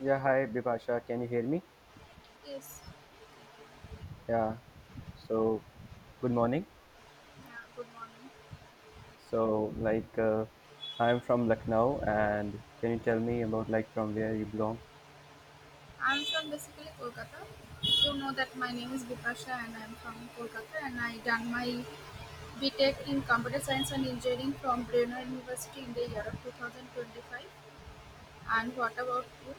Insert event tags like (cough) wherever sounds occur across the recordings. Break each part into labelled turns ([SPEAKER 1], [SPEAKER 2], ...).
[SPEAKER 1] Yeah, hi Bipasha, can you hear me?
[SPEAKER 2] Yes.
[SPEAKER 1] Yeah, so good morning.
[SPEAKER 2] Yeah, good morning.
[SPEAKER 1] So, like, uh, I'm from Lucknow, and can you tell me about like from where you belong?
[SPEAKER 2] I'm from basically Kolkata. You know that my name is Bipasha and I'm from Kolkata and I done my BTEC in Computer Science and Engineering from Brunner University in the year of 2025. And what about you?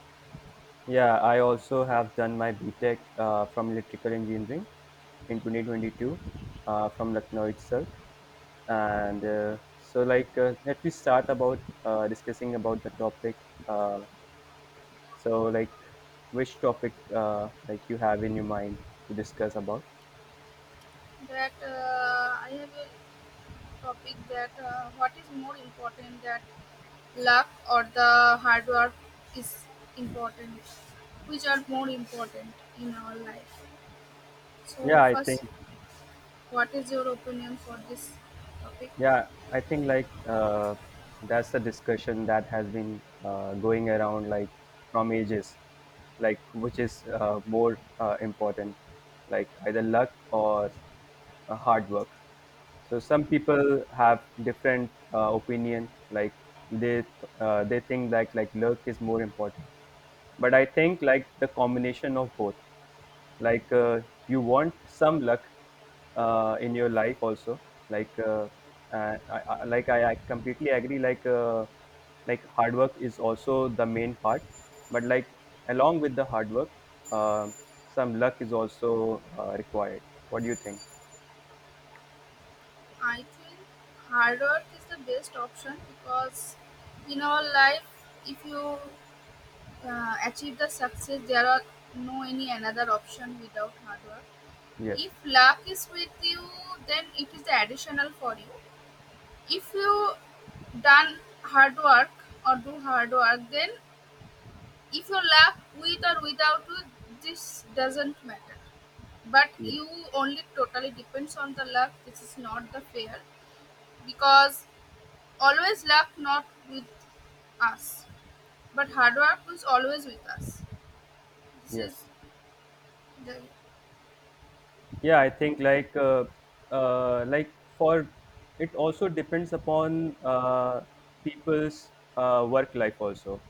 [SPEAKER 1] Yeah, I also have done my BTech from electrical engineering in 2022 from Lucknow itself. Let me start about discussing about the topic. Uh, so, like, which topic like you have in your mind to discuss about?
[SPEAKER 2] That I have a topic that what is more important, that luck or the hard work is important, which are more important in our life. So
[SPEAKER 1] Yeah, I
[SPEAKER 2] first.
[SPEAKER 1] think
[SPEAKER 2] What is your opinion for this topic?
[SPEAKER 1] Yeah, I think that's the discussion that has been going around like from ages, like which is more important, like either luck or hard work. So some people have different opinion, like they th- they think that like luck is more important, but I think like the combination of both like uh, you want some luck in your life also like uh, like I completely agree like hard work is also the main part but like along with the hard work, uh, some luck is also required. What do you think?
[SPEAKER 2] I think hard work is the best option because in our life, if you achieve the success, there are no any another option without hard work.
[SPEAKER 1] Yes.
[SPEAKER 2] If luck is with you, then it is the additional for you. If you done hard work or do hard work, then if you lack with or without you, this doesn't matter. But
[SPEAKER 1] Yes.
[SPEAKER 2] you only totally depends on the luck. This is not the fair because always luck not with us, but hard work is always with us. This is
[SPEAKER 1] Yes.
[SPEAKER 2] the
[SPEAKER 1] Yeah, I think like for it also depends upon people's work life also.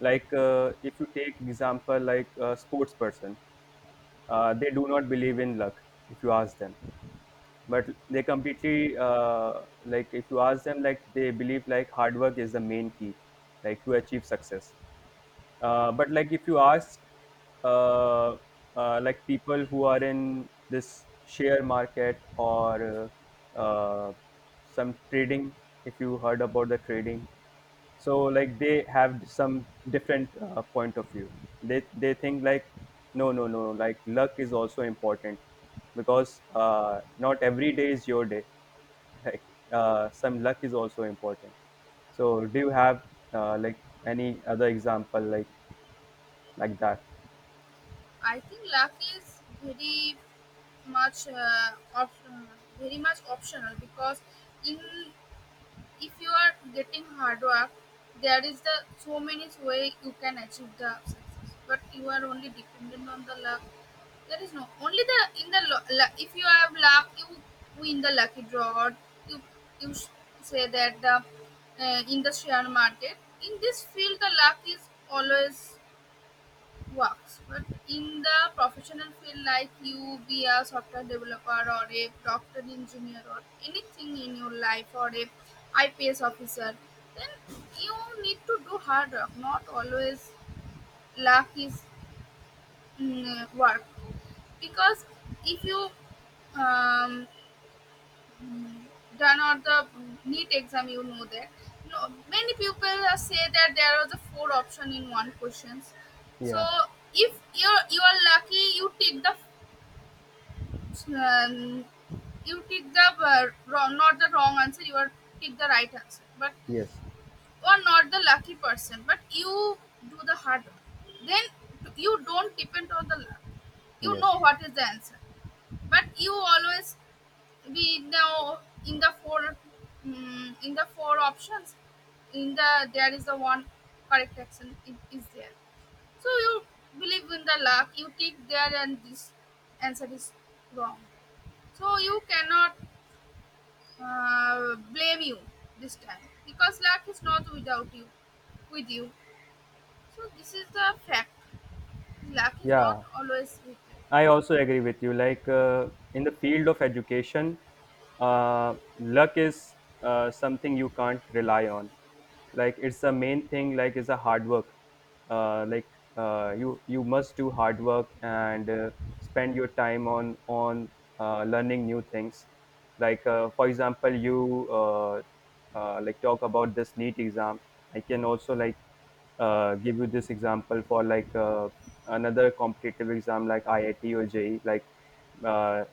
[SPEAKER 1] Like if you take example like a sports person, they do not believe in luck if you ask them, but they completely, like if you ask them, like they believe like hard work is the main key like to achieve success. But if you ask uh, like people who are in this share market or uh, uh, some trading, if you heard about the trading, so like they have some different point of view. They think like no no no, like luck is also important, because not every day is your day, like some luck is also important. So do you have like any other example like that?
[SPEAKER 2] I think luck is very much very much optional because in, if you are getting hard work, there is the so many way you can achieve the success, but you are only dependent on the luck. There is no only the in the if you have luck you win the lucky draw or you you s- say that the in the share market, in this field the luck is always works. But in the professional field, like you be a software developer or a doctor engineer or anything in your life or a IPS officer, then you need to do hard work, not always luck is work, because if you um, mm, done all the neat exam. You know that no, many people say that there are the four option in one questions. So
[SPEAKER 1] Yeah.
[SPEAKER 2] if you are lucky um, you take the wrong, not the wrong answer, you are take the right answer. But
[SPEAKER 1] Yes.
[SPEAKER 2] you are not the lucky person, but you do the hard work, then you don't depend on the luck, you
[SPEAKER 1] Yes.
[SPEAKER 2] know what is the answer. But you always be now in the four, in the four options, in the there is the one correct action, it is there. So you believe in the luck, you take there and this answer is wrong. So you cannot blame you this time because luck is not without you, with you. So this is the fact, luck is
[SPEAKER 1] Yeah,
[SPEAKER 2] not always with you.
[SPEAKER 1] I also agree with you. In the field of education, luck is something you can't rely on. Like it's the main thing. Like is a hard work. Uh, like you must do hard work and spend your time on on learning new things. Like for example, you like talk about this NEET exam. I can also give you this example for another competitive exam like IIT or JEE, uh,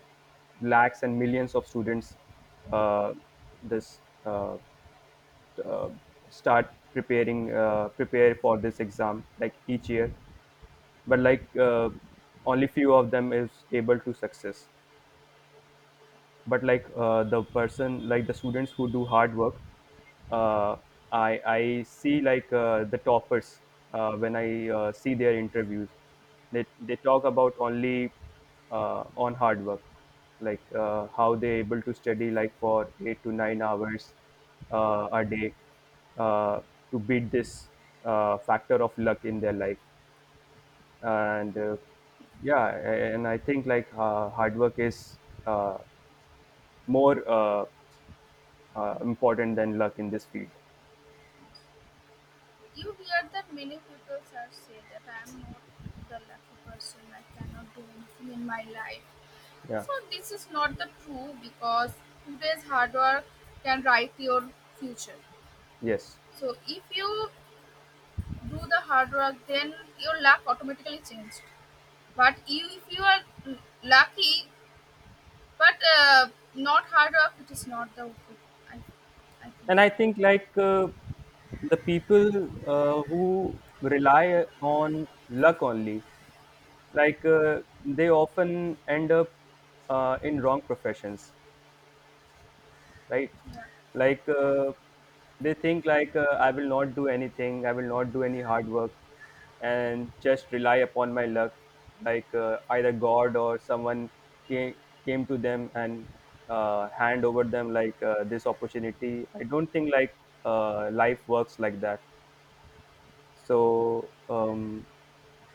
[SPEAKER 1] lakhs and millions of students uh, this uh, start preparing prepare for this exam like each year, but only few of them is able to success, but the person like the students who do hard work, uh, I see the toppers when I see their interviews. They talk about only on hard work, like how they able to study like for 8 to 9 hours a day uh, to beat this factor of luck in their life. And Yeah, and I think hard work is uh, more important than luck in this field.
[SPEAKER 2] You hear that many people have said that I am not the lucky person, I cannot do anything in my life.
[SPEAKER 1] Yeah.
[SPEAKER 2] So, this is not the true because today's hard work can write your future.
[SPEAKER 1] Yes.
[SPEAKER 2] So, if you do the hard work, then your luck automatically changed. But you, if you are lucky but not hard work, it is not the good. I, I think
[SPEAKER 1] And I
[SPEAKER 2] so.
[SPEAKER 1] think the people who rely on luck only, they often end up in wrong professions, right?
[SPEAKER 2] Yeah.
[SPEAKER 1] like uh, they think I will not do anything, I will not do any hard work, and just rely upon my luck, either god or someone came, came to them and hand over them this opportunity. I don't think life works like that. So um,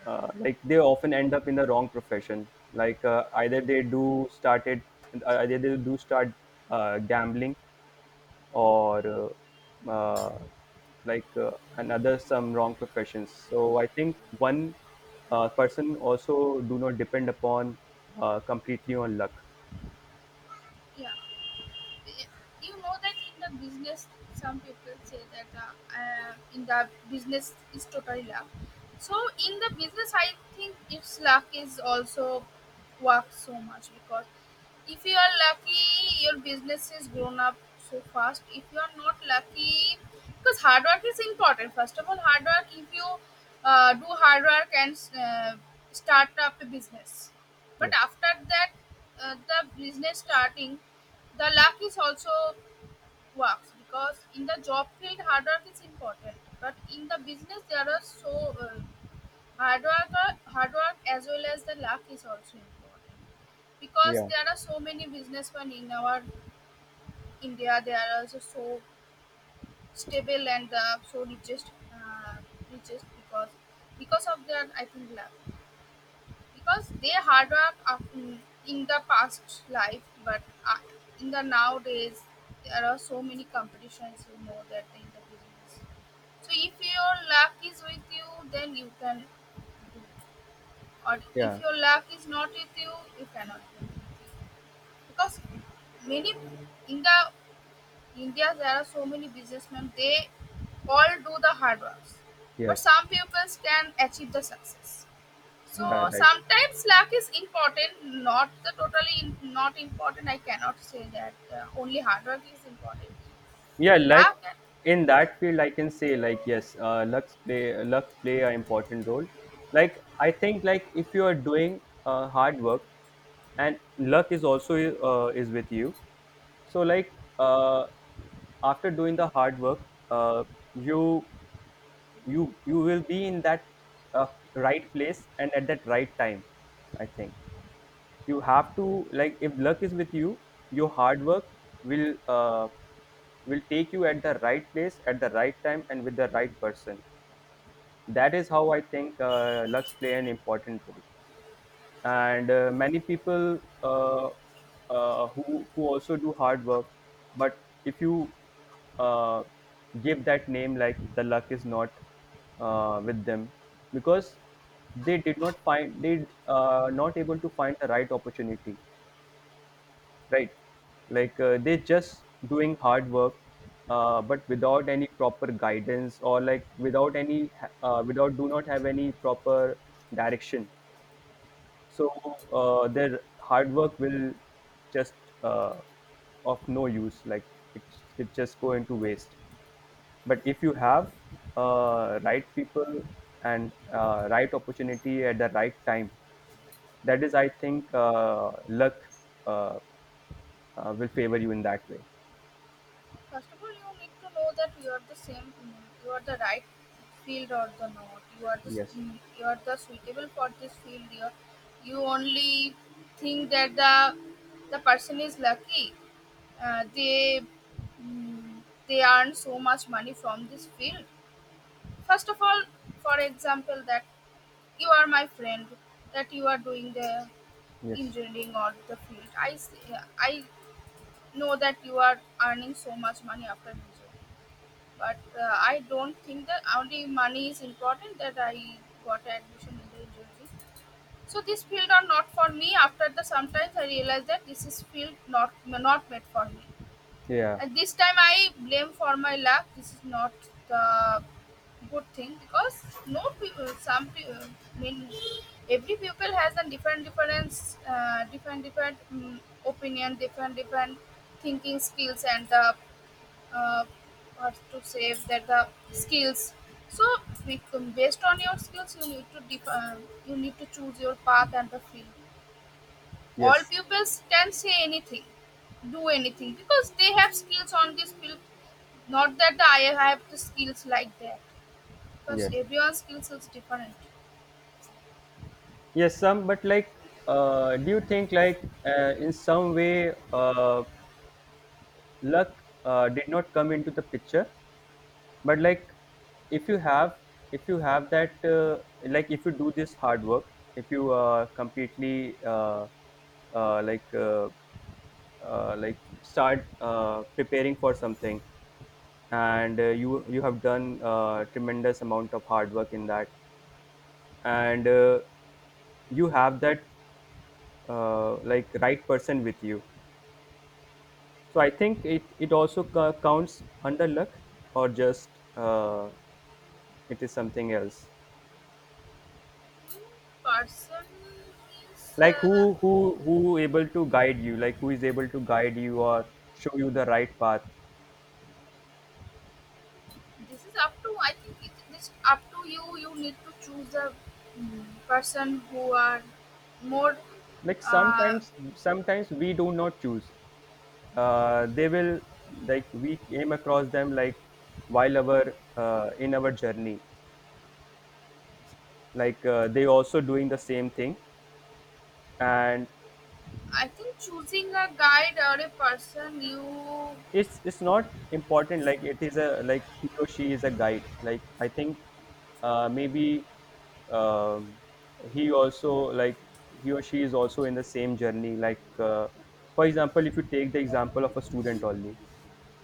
[SPEAKER 1] uh, like they often end up in the wrong profession, either they do started, either they do start gambling or uh, uh, like uh, another some wrong professions. So I think one person also do not depend upon completely on luck.
[SPEAKER 2] Yeah. You know that in the business some people say that in the business is totally luck. So in the business, I think it's luck is also work so much because if you are lucky your business is grown up so fast. If you are not lucky, because hard work is important, first of all hard work. If you do hard work and start up a business, but
[SPEAKER 1] Yes.
[SPEAKER 2] after that the business starting, the luck is also works because in the job field hard work is important, but in the business there are so hard work as well as the luck is also important, because
[SPEAKER 1] Yeah.
[SPEAKER 2] there are so many businessmen in our India. They are also so stable and the so richest because of their, I think, luck. Because they hard work often in the past life, but uh, in the nowadays there are so many competitions, you know that in the business. So if your luck is with you then you can do, or if
[SPEAKER 1] Yeah.
[SPEAKER 2] your luck is not with you you cannot do anything, because many in the India there are so many businessmen, they all do the hard works, but
[SPEAKER 1] Yes.
[SPEAKER 2] some people can achieve the success. So
[SPEAKER 1] Yeah, like.
[SPEAKER 2] sometimes luck is important, not the totally in, not important. I cannot say that only hard work is important.
[SPEAKER 1] Yeah, like
[SPEAKER 2] Luck, and
[SPEAKER 1] in that field I can say, like, yes, luck play, luck play an important role. Like I think like if you are doing hard work and luck is also is with you, so like uh, after doing the hard work, you you will be in that uh, right place and at that right time. I think you have to, like, if luck is with you, your hard work will uh, will take you at the right place at the right time and with the right person. That is how I think lucks play an important role. And Many people uh, who also do hard work, but if you uh, give that name like the luck is not with them, because they did not find, they not able to find the right opportunity, right? They just doing hard work, but without any proper guidance, or like without any without do not have any proper direction. So their hard work will just uh, of no use, like it, it just go into waste. But if you have right people and right opportunity at the right time, that is I think luck uh, will favor you in that way.
[SPEAKER 2] first of all, you need to know that you are the same, you are the right field or the not. You are the s-
[SPEAKER 1] Yes.
[SPEAKER 2] mm, you are the suitable for this field. You are, you only think that the person is lucky. They mm, they earn so much money from this field. First of all, for example, that you are my friend, that you are doing the
[SPEAKER 1] Yes.
[SPEAKER 2] engineering or the field. I see, I know that you are earning so much money after engineering, but I don't think that only money is important, that I got admission in the engineering. So this field are not for me. After the sometimes I realized that this is field not made for me.
[SPEAKER 1] Yeah.
[SPEAKER 2] And this time I blame for my luck. This is not the good thing because no people, some people, I mean, every people has a different difference, different mm opinion, different thinking skills, and the uh, what to say that the skills. So we- based on your skills, you need to choose your path and the field. All
[SPEAKER 1] Yes.
[SPEAKER 2] pupils can say anything, do anything because they have skills on this field. Not that I have the skills like that, because
[SPEAKER 1] Yes.
[SPEAKER 2] everyone's skills is different.
[SPEAKER 1] Yes. Some, but like, do you think in some way luck did not come into the picture? But like, if you have, if you have that, like, if you do this hard work, if you completely uh, like uh, like start preparing for something, and you have done tremendous amount of hard work in that, and you have that like right person with you, so I think it also c- counts under luck, or just it is something else.
[SPEAKER 2] Person is,
[SPEAKER 1] Like who able to guide you, like who is able to guide you or show you the right path.
[SPEAKER 2] this is up to, I think it, this up to you. You need to choose the person who are more.
[SPEAKER 1] Like
[SPEAKER 2] Uh,
[SPEAKER 1] sometimes sometimes we do not choose, they will, like we came across them like while our in our journey, like they also doing the same thing. And
[SPEAKER 2] I think choosing a guide or a person you,
[SPEAKER 1] it's not important like it is a, like he or she is a guide. Like I think maybe um, he also like he or she is also in the same journey, like for example, if you take the example of a student only,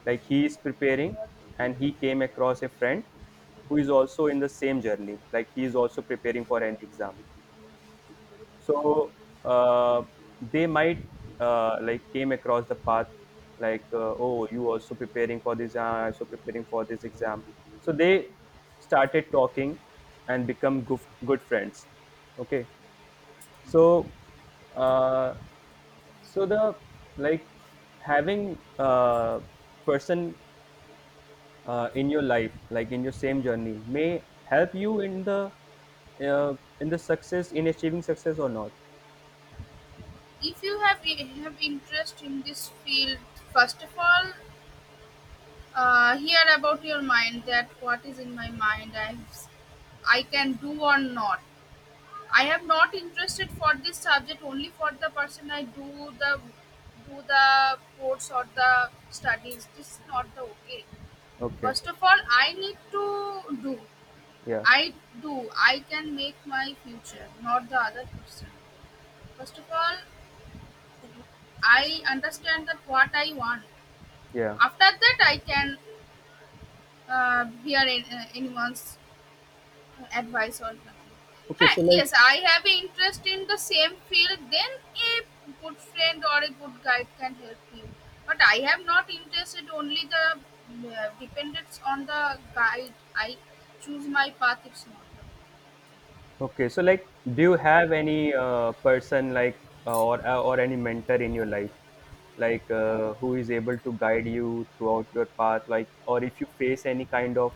[SPEAKER 1] like he is preparing and he came across a friend who is also in the same journey, like he is also preparing for an exam. So uh, they might like came across the path, like oh, you also preparing for this so preparing for this exam. So they started talking and become good, good friends. Okay. So uh, so the, like, having a person in your life like in your same journey may help you uh, in the success in achieving success or not.
[SPEAKER 2] if you have interest in this field, first of all hear about your mind, that what is in my mind, I can do or not. I am not interested for this subject, only for the person I do the course or the studies. This is not the okay.
[SPEAKER 1] Okay.
[SPEAKER 2] First of all, I need to do.
[SPEAKER 1] Yeah.
[SPEAKER 2] I do, I can make my future, not the other person. First of all, I understand that what I want.
[SPEAKER 1] Yeah.
[SPEAKER 2] After that, I can hear anyone's advice or nothing.
[SPEAKER 1] Okay.
[SPEAKER 2] Hi,
[SPEAKER 1] So
[SPEAKER 2] yes,
[SPEAKER 1] like,
[SPEAKER 2] I have an interest in the same field, then a good friend or a good guide can help you. But I have not interested, only the dependence on the guide. I choose my path, it's not the one.
[SPEAKER 1] okay, so like, do you have any person, like or any mentor in your life, like who is able to guide you throughout your path, like, or if you face any kind of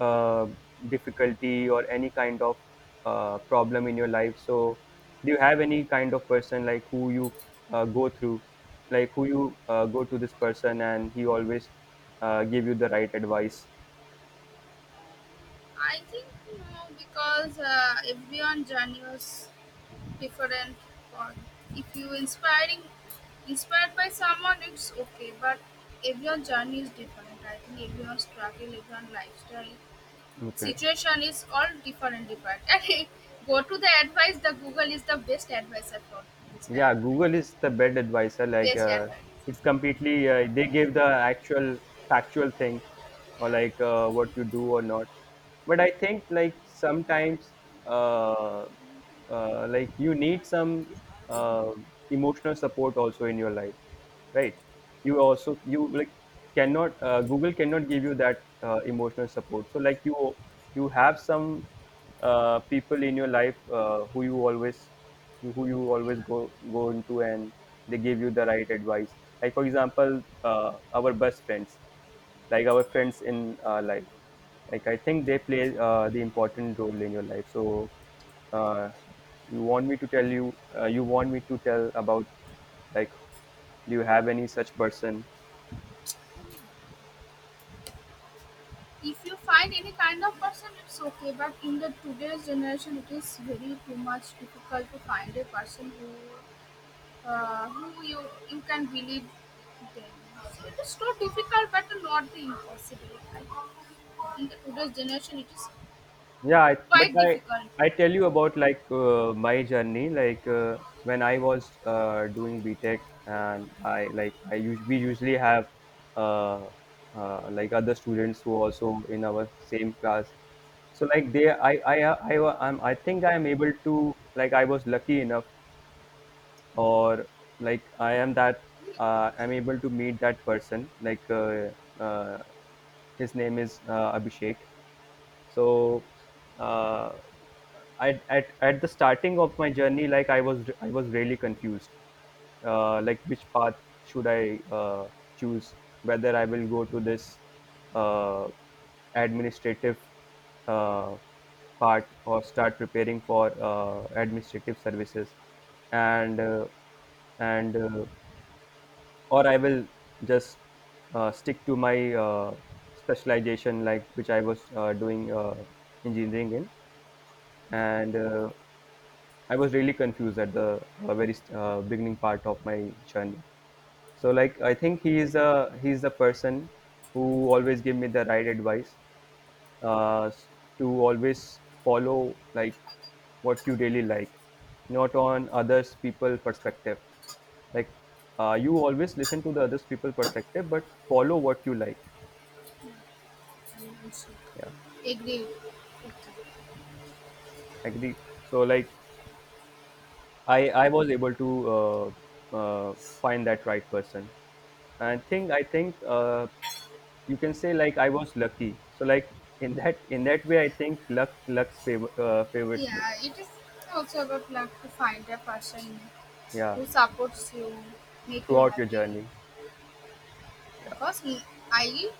[SPEAKER 1] uh, difficulty or any kind of problem in your life, so do you have any kind of person like who you go through, like who you go to this person and he always give you the right advice?
[SPEAKER 2] I think you know, because everyone journey was different. Or if you inspiring inspired by someone, it's okay. But everyone journey is different. I think everyone struggle, everyone lifestyle
[SPEAKER 1] Okay.
[SPEAKER 2] situation is all different (laughs) and go to the advice, the Google is the best advisor for this time,
[SPEAKER 1] Yeah,
[SPEAKER 2] I
[SPEAKER 1] google
[SPEAKER 2] think.
[SPEAKER 1] is the best advisor, like
[SPEAKER 2] Best advice.
[SPEAKER 1] it's completely they give the actual factual thing, or like what you do or not. But I think like sometimes uh, like you need some uh, emotional support also in your life, right? You also you, like, cannot google cannot give you that emotional support. So like you have some people in your life who you always, you, who you always go go into, and they give you the right advice. Like, for example, our best friends, like our friends in life, like I think they play the important role in your life. So uh, you want me to tell about, like, do you have any such person?
[SPEAKER 2] If you find any kind of person it's okay, but in the today's generation it is very too much difficult to find a person who you can believe them. So it is not difficult, but not the impossible, I think. In the today's generation it is
[SPEAKER 1] Yeah, I, but
[SPEAKER 2] quite difficult.
[SPEAKER 1] I tell you about like my journey. Like when I was doing BTech, and I like we usually have uh, like other students who also in our same class. So like they, I think I am able to, like, I was lucky enough, or like I am that I'm able to meet that person. Like uh, his name is Abhishek. so uh, I, at the starting of my journey, like I was really confused, like which path should I choose, whether I will go to this uh, administrative uh, part or start preparing for administrative services and uh, and or I will just stick to my specialization, like which I was doing engineering in. And I was really confused at the very beginning part of my journey. So, like, I think he is a he's the person who always gave me the right advice uh, to always follow like what you really like, not on others people perspective. Like you always listen to the others people perspective, but follow what you like.
[SPEAKER 2] I mean, I
[SPEAKER 1] Yeah,
[SPEAKER 2] should agree with you.
[SPEAKER 1] agree. So like I was able to uh, find that right person. And think I think you can say like I was lucky. So like in that way, I think luck favors me.
[SPEAKER 2] Yeah, it is also about luck to find a person
[SPEAKER 1] Yeah,
[SPEAKER 2] who supports you, make you
[SPEAKER 1] throughout your
[SPEAKER 2] happy.
[SPEAKER 1] journey. Yeah.
[SPEAKER 2] Because I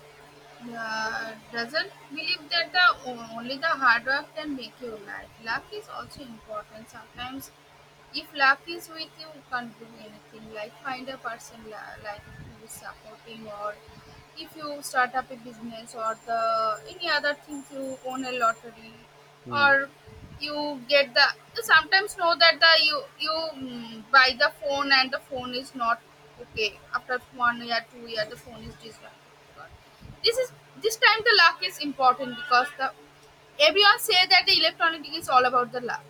[SPEAKER 2] doesn't believe that the only the hard work can make you alive. Luck is also important. Sometimes, if luck is with you, you can't do anything. Like find a person like, who is supporting, or if you start up a business, or the any other things you own a lottery,
[SPEAKER 1] Hmm.
[SPEAKER 2] or you get the, you sometimes know that the you you mm, buy the phone and the phone is not okay after one year 2 year the phone is disrupted. This is, this time the luck is important because the everyone say that the electronic is all about the luck.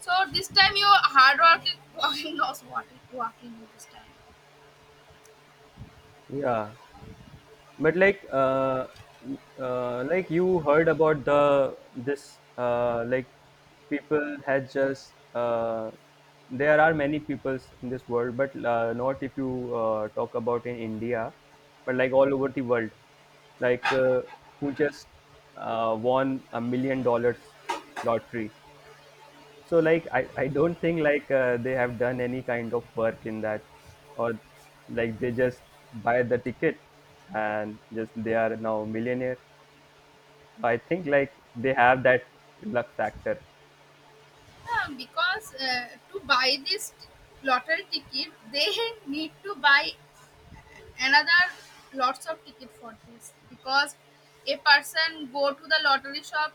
[SPEAKER 2] So this time your hard work is (laughs) working, not walking you this time.
[SPEAKER 1] Yeah, but like, like you heard about the this like people had just there are many peoples in this world, but not if you talk about in India, but like all over the world, like who just won $1 million lottery. So like I don't think like they have done any kind of work in that, or like they just buy the ticket and just they are now millionaire. So, I think like they have that luck factor.
[SPEAKER 2] Yeah, because to buy this lottery ticket, they (laughs) need to buy another lots of ticket for this, because a person go to the lottery shop,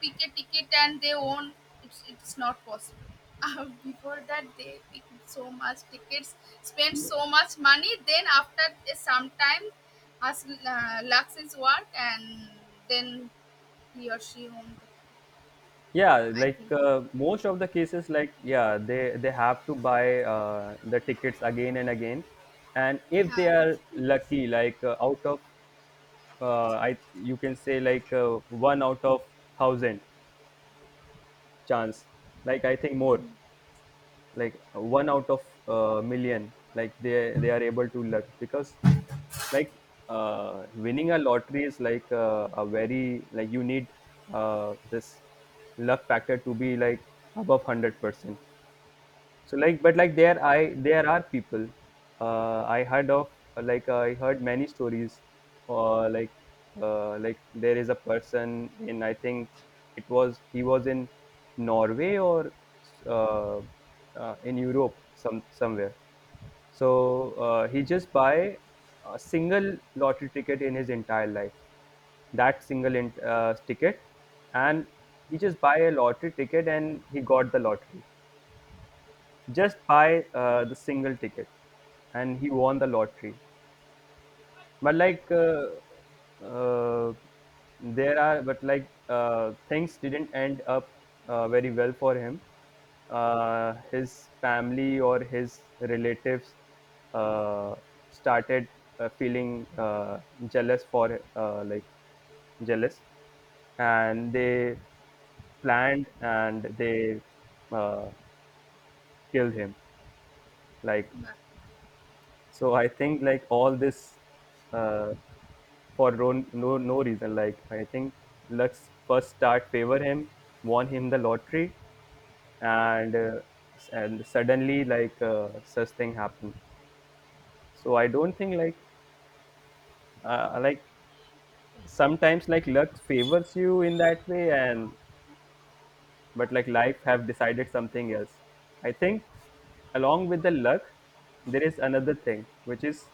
[SPEAKER 2] pick a ticket and they own it's not possible. (laughs) Before that they pick so much tickets, spend so much money. Then after a some time, has lacks his work and then he or she owned it.
[SPEAKER 1] Yeah,
[SPEAKER 2] I
[SPEAKER 1] like
[SPEAKER 2] think
[SPEAKER 1] most of the cases, like yeah, they have to buy the tickets again and again. And if they
[SPEAKER 2] have,
[SPEAKER 1] are lucky, like out of I you can say like one out of 1000 chance. Like I think more. Like one out of a million, like they are able to luck, because like winning a lottery is like a very like you need this luck factor to be like above 100%. So like, but like there are people I heard of like I heard many stories, or like there is a person in, I think it was, he was in Norway or uh, in Europe, some somewhere. So he just buy a single lottery ticket in his entire life. That single ticket, and he just buy a lottery ticket and he got the lottery. Just buy the single ticket and he won the lottery. But like there are but like things didn't end up very well for him. His family or his relatives uh, started feeling jealous for, jealous, and they planned and they uh, killed him. Like
[SPEAKER 2] but
[SPEAKER 1] so I think like all this uh, for no reason. Like I think Lux first start favor him, won him the lottery, and uh, and suddenly, like such thing happened. So I don't think like sometimes, like luck favors you in that way, and but like life have decided something else. I think along with the luck, there is another thing which is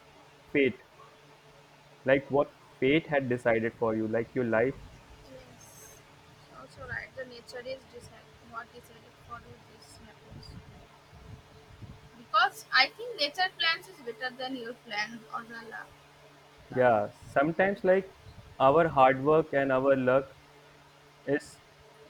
[SPEAKER 1] fate. Like what fate had decided for you, like your life.
[SPEAKER 2] yes. Also right, the nature is decided, not decided for this happens. Because I think nature plans is better than your plan or the plan.
[SPEAKER 1] Yeah, sometimes like our hard work and our luck is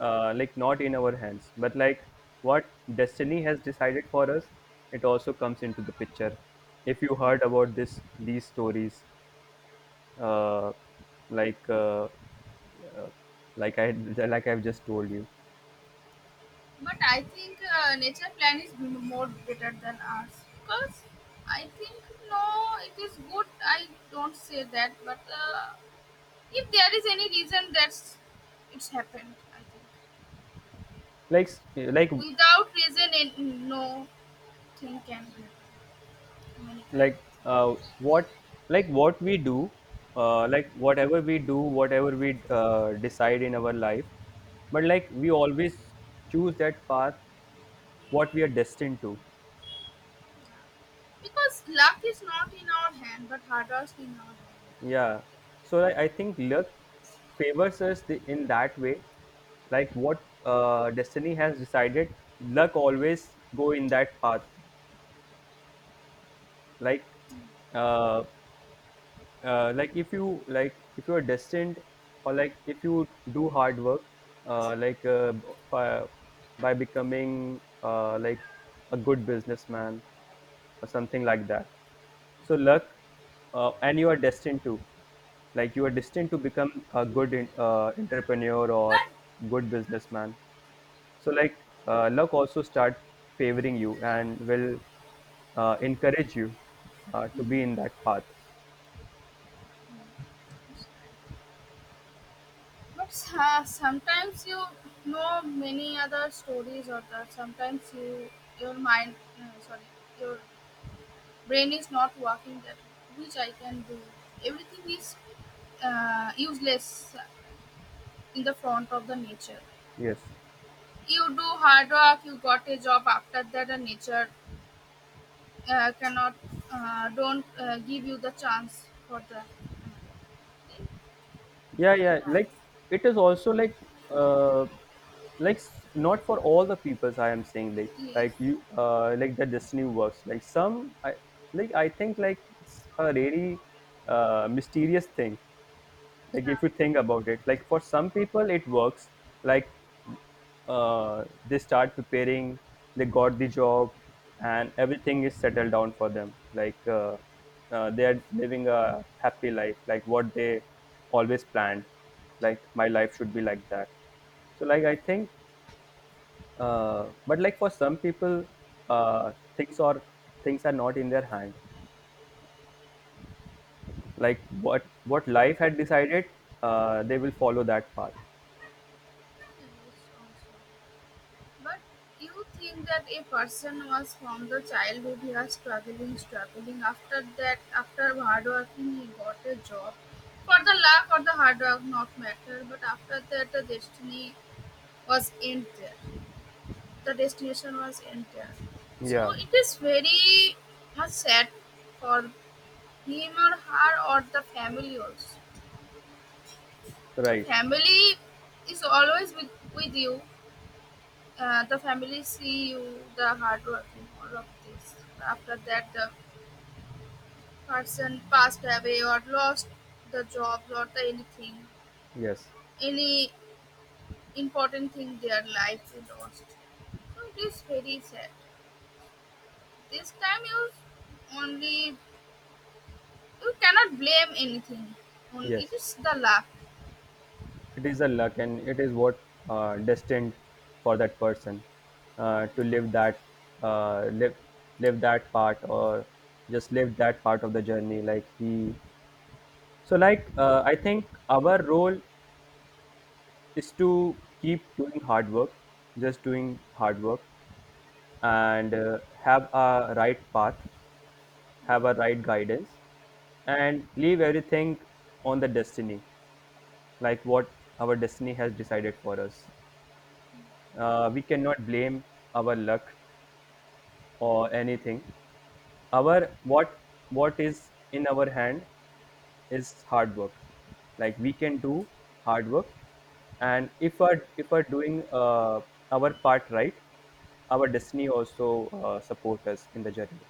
[SPEAKER 1] like not in our hands, but like what destiny has decided for us, it also comes into the picture. If you heard about this these stories uh, like uh, uh, like i like I've just told you.
[SPEAKER 2] But I think nature plan is more better than ours, because I think, no, it is good. I don't say that, but if there is any reason that's it's happened, I think,
[SPEAKER 1] Like
[SPEAKER 2] without reason, and no thing can be happen many times,
[SPEAKER 1] like what, like what we do, like whatever we do, whatever we decide in our life, but like we always choose that path what we are destined to.
[SPEAKER 2] because luck is not in our hand, but hard work is in our
[SPEAKER 1] Yeah, so like, I think luck favors us in that way, like what destiny has decided, luck always go in that path. Like uh, like if you, like if you are destined, or like if you do hard work, uh, like uh, by, by becoming like a good businessman or something like that. So luck and you are destined to, like you are destined to become a good in, entrepreneur or
[SPEAKER 2] hand.
[SPEAKER 1] good businessman. So like luck also start favoring you, and will encourage you to be in that path.
[SPEAKER 2] But sometimes you know many other stories, or the, sometimes you your mind, sorry, your brain is not working. That which I can do. Everything is useless in the front of the nature.
[SPEAKER 1] Yes.
[SPEAKER 2] You do hard work. You got a job after that. The nature cannot don't give you the chance for the.
[SPEAKER 1] Yeah, yeah, like it is also like uh not for all the peoples I am saying,
[SPEAKER 2] Yes.
[SPEAKER 1] like you like the destiny works like some i, like I think like it's a really mysterious thing. Like
[SPEAKER 2] Yeah.
[SPEAKER 1] if you think about it, like for some people it works, like they start preparing, they got the job, and everything is settled down for them, like they are living a happy life, like what they always planned. Like my life should be like that. So like I think but like for some people, uh, things are things are not in their hand, like what life had decided, they will follow that path.
[SPEAKER 2] But do you think that a person was from the childhood he was struggling, struggling. After that, after hard working, he got a job. For the luck or the hard work, not matter. But after that, the destiny was end there. The destination was end there. So
[SPEAKER 1] Yeah.
[SPEAKER 2] it is very much sad for him or her or the family also. The
[SPEAKER 1] Right.
[SPEAKER 2] family is always with you. The family see you the hard work in all of this. After that, the person passed away or lost the job or the anything,
[SPEAKER 1] Yes.
[SPEAKER 2] any important thing their life is lost. So it is very sad. This time you only you cannot blame anything. It
[SPEAKER 1] Yes.
[SPEAKER 2] is the luck.
[SPEAKER 1] It is a luck, and it is what destined for that person to live that live live that part, or just live that part of the journey. Like he, so like I think our role is to keep doing hard work, just doing hard work, and have a right path, have a right guidance, and leave everything on the destiny, like what our destiny has decided for us. We cannot blame our luck or anything. Our what is in our hand is hard work. Like we can do hard work, and if we're doing our part right, our destiny also support us in the journey.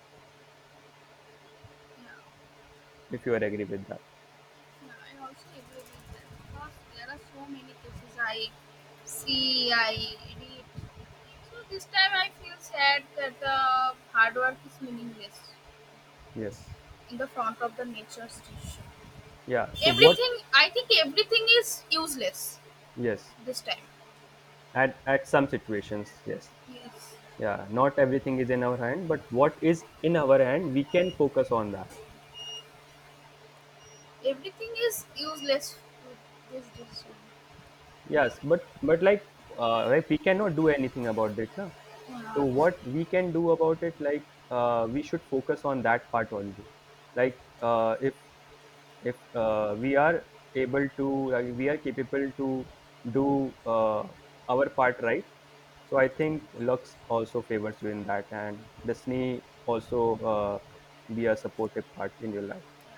[SPEAKER 2] Yeah.
[SPEAKER 1] If you are agree with that,
[SPEAKER 2] I also agree with that because there are so many cases I see, I edit. So this time I feel sad that the hard work is meaningless
[SPEAKER 1] yes,
[SPEAKER 2] in the front of the nature's decision.
[SPEAKER 1] yeah. So what?
[SPEAKER 2] Everything, I think, everything is useless
[SPEAKER 1] Yes,
[SPEAKER 2] this time.
[SPEAKER 1] at some situations, yes.
[SPEAKER 2] Yes.
[SPEAKER 1] Yeah, not everything is in our hand, but what is in our hand we can focus on that.
[SPEAKER 2] Everything is useless with this decision.
[SPEAKER 1] Yes, but like we cannot do anything about it, na? So
[SPEAKER 2] Yeah.
[SPEAKER 1] what we can do about it, like we should focus on that part only, like if we are able to, like we are capable to do our part right. So I think lux also favors you in that, and disney also uh, be a supportive part in your life.